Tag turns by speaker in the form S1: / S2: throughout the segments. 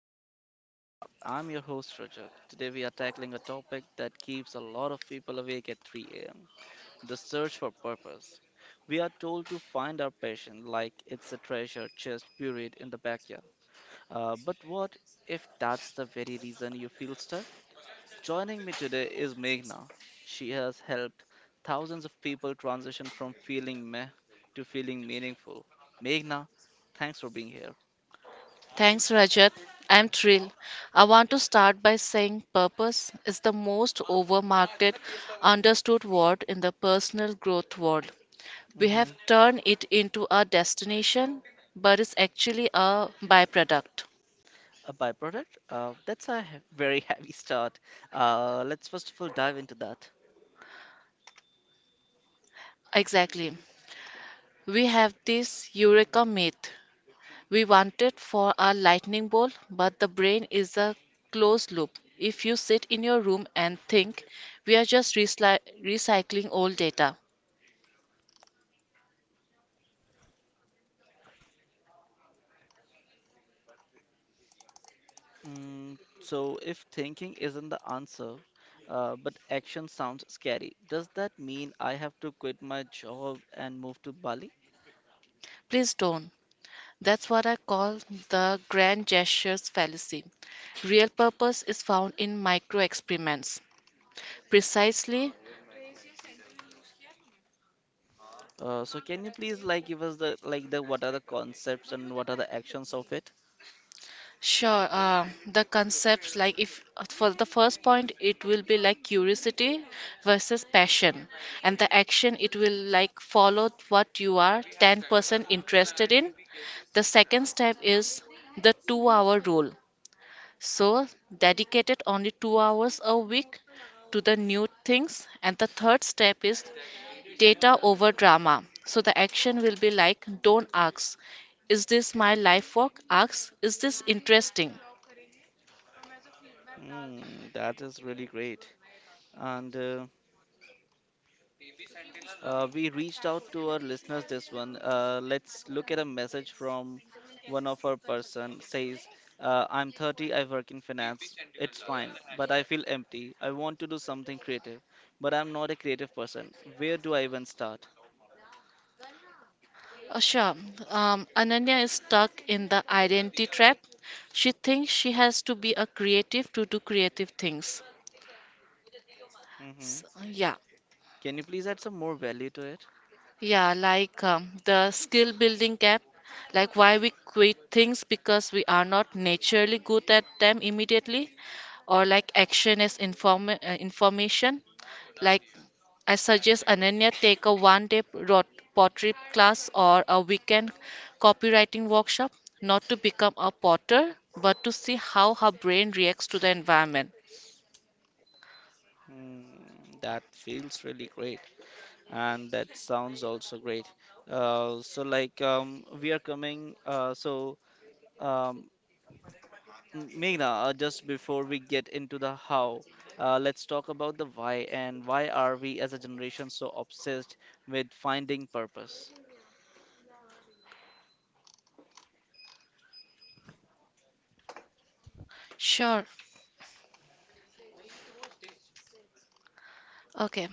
S1: to the Momentum Lab. I'm your host, Rajat. Today, we are tackling a topic that keeps a lot of people awake at 3 a.m., the search for purpose. We are told to find our passion like it's a treasure chest buried in the backyard. But what if that's the very reason you feel stuck? Joining me today is Meghna. She has helped thousands of people transition from feeling meh to feeling meaningful. Meghna, thanks for being here.
S2: Thanks, Rajat. I'm thrilled. I want to start by saying purpose is the most overmarketed, understood word in the personal growth world. We have
S1: Mhm.
S2: turned it into a destination, but it's actually a byproduct.
S1: A byproduct. That's very heavy start. Let's first of all dive into that.
S2: Exactly. We have this eureka myth. We want it for a lightning bolt, but the brain is a closed loop. If you sit in your room and think we are just recycling old data,
S1: If thinking isn't the answer, but action sounds scary, does that mean I have to quit my job and move to Bali?
S2: please don't. That's what I call the grand gestures fallacy. Real purpose is found in micro experiments. Precisely,
S1: Can you please give us the what are the concepts and what are the actions of it?
S2: sure. The concepts like if for the first point it will be like curiosity versus passion, and the action it will like follow what you are 10% interested in. The second step is the 2 hour rule. So, dedicated only 2 hours a week to the new things. And the third step is data over drama. So the action will be like don't ask, is this my life work? Ask, is this interesting?
S1: Mm, that is really great. And We reached out to our listeners this one. Let's look at a message from one of our person says, I'm 30, I work in finance. It's fine, but I feel empty. I want to do something creative, but I'm not a creative person. Where do I even start?
S2: Sure. Ananya is stuck in the identity trap. She thinks she has to be a creative to do creative things.
S1: Hmm.
S2: Yeah.
S1: Can you please add some more value to it?
S2: Yeah, like the skill building gap, like why we quit things because we are not naturally good at them immediately, or like action as information. Like I suggest Ananya take a one day pottery class or a weekend copywriting workshop, not to become a potter, but to see how her brain reacts to the environment.
S1: Hmm, that feels really great, and that sounds also great. We are coming. Um, Meghna, just before we get into the how, let's talk about the why, and why are we as a generation so obsessed with finding purpose?
S2: Sure. Okay.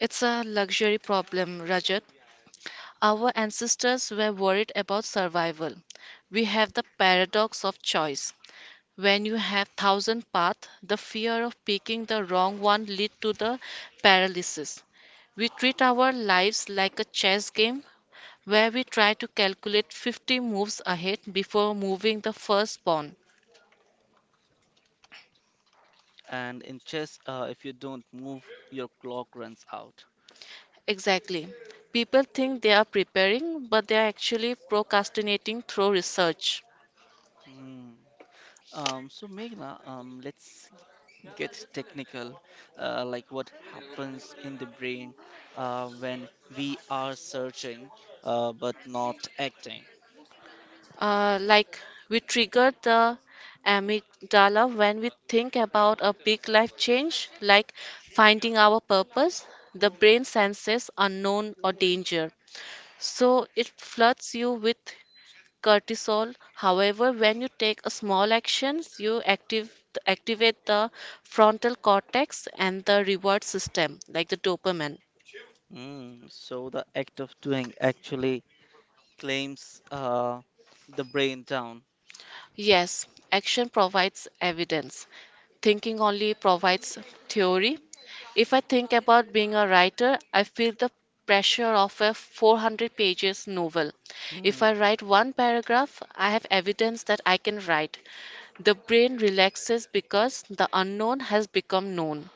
S2: It's a luxury problem, Rajat. Our ancestors were worried about survival. We have the paradox of choice. When you have thousand paths, the fear of picking the wrong one lead to the paralysis. We treat our lives like a chess game where we try to calculate 50 moves ahead before moving the first pawn.
S1: And in chess, if you don't move, your clock runs out.
S2: Exactly. People think they are preparing, but they are actually procrastinating through research.
S1: Hmm. So, Meghna, let's get technical, what happens in the brain when we are searching, but not acting.
S2: Like we trigger the amygdala when we think about a big life change, like finding our purpose. The brain senses unknown or danger, so it floods you with cortisol. However, when you take a small actions, you active activate the frontal cortex and the reward system, like the dopamine.
S1: So, the act of doing actually claims, the brain down.
S2: Yes, action provides evidence. Thinking only provides theory. If I think about being a writer, I feel the pressure of a 400 pages novel. If
S1: Hmm.
S2: I write one paragraph, I have evidence that I can write. The brain relaxes because the unknown has become known.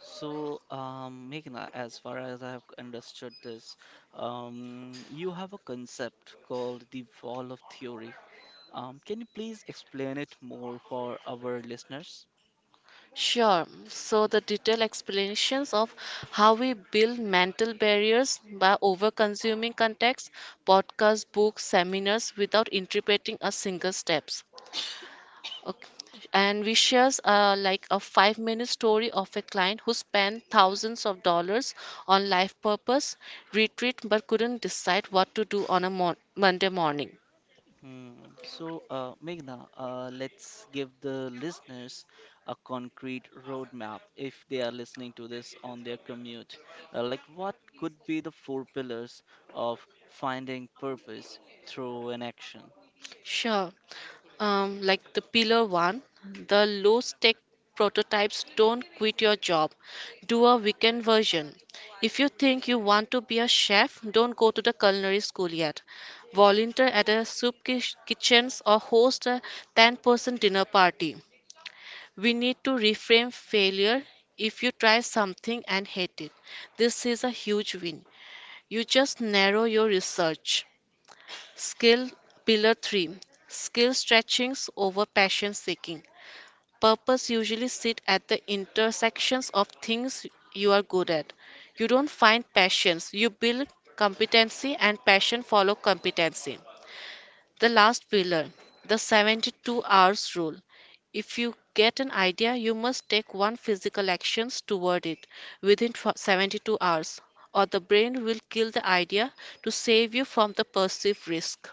S1: So, Meghna, as far as I have understood this, you have a concept called the wall of theory. Can you please explain it more for our listeners?
S2: Sure. So the detailed explanations of how we build mental barriers by over-consuming context, podcasts, books, seminars without interpreting a single steps. Okay. And we shares like a five-minute story of a client who spent thousands of dollars on life purpose retreat but couldn't decide what to do on a Monday morning.
S1: Hmm. So, Meghna, let's give the listeners a concrete roadmap if they are listening to this on their commute. What could be the four pillars of finding purpose through an action?
S2: Sure. Like the pillar one, the low stake prototypes don't quit your job. Do a weekend version. If you think you want to be a chef, don't go to the culinary school yet. Volunteer at a soup kitchens or host a 10-person dinner party. We need to reframe failure if you try something and hate it. This is a huge win. You just narrow your research. Skill Pillar 3 Skill stretchings over passion seeking. Purpose usually sit at the intersections of things you are good at. You don't find passions, you build competency and passion follow competency. The last pillar, the 72 hours rule. If you get an idea, you must take one physical actions toward it within 72 hours or the brain will kill the idea to save you from the perceived risk.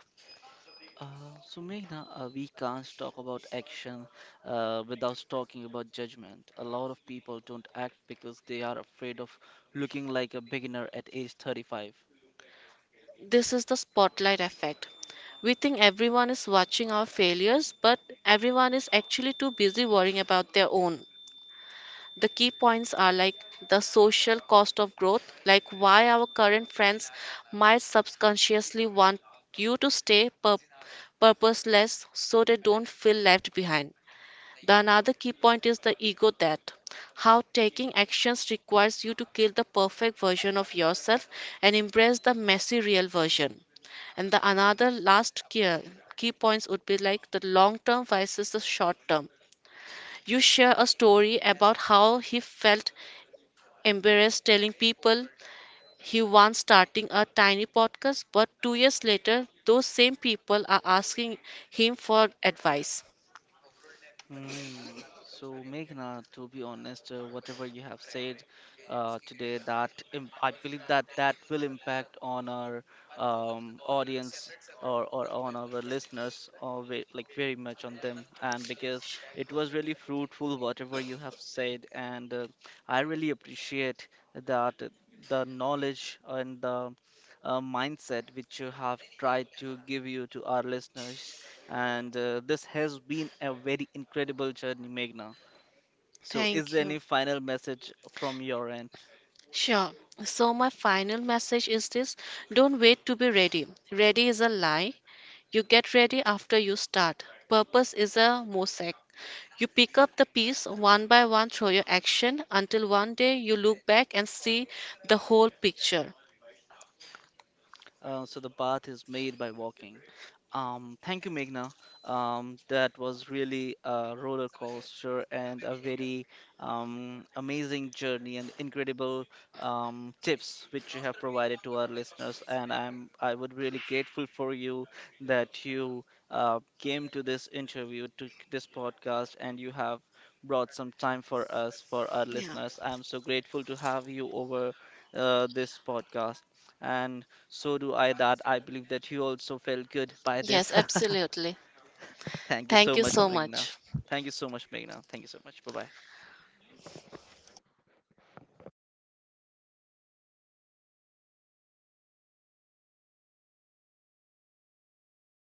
S1: Meghna, we can't talk about action without talking about judgment. A lot of people don't act because they are afraid of looking like a beginner at age 35.
S2: This is the spotlight effect. We think everyone is watching our failures, but everyone is actually too busy worrying about their own. The key points are like the social cost of growth, like why our current friends might subconsciously want you to stay purposeless so they don't feel left behind. The another key point is the ego that how taking actions requires you to kill the perfect version of yourself and embrace the messy real version. And the another last key points would be like the long term versus the short term. You share a story about how he felt embarrassed telling people he once starting a tiny podcast, but 2 years later, those same people are asking him for advice.
S1: Hmm. So, Meghna, to be honest, whatever you have said today, that im I believe that that will impact on our audience, or on our listeners, or ve like very much on them. And because it was really fruitful, whatever you have said, and I really appreciate that, the knowledge and the mindset which you have tried to give you to our listeners, and this has been a very incredible journey, Meghna. So, is
S2: Thank
S1: there
S2: you.
S1: any final message from your end?
S2: Sure. So, my final message is this don't wait to be ready. Ready is a lie. You get ready after you start. Purpose is a mosaic. You pick up the piece one by one through your action until one day you look back and see the whole picture.
S1: The path is made by walking. Thank you, Meghna. That was really a roller coaster and a very amazing journey and incredible tips which you have provided to our listeners. And I would really grateful for you that you came to this interview, to this podcast, and you have brought some time for us, for our
S2: Yeah.
S1: listeners. I'm so grateful to have you over this podcast. And so do I, that I believe that you also felt good by
S2: Yes,
S1: this.
S2: absolutely.
S1: Thank you
S2: Thank
S1: so
S2: you
S1: much,
S2: so
S1: Meghna.
S2: much.
S1: Thank you so much, Meghna. Thank you so much. Bye bye.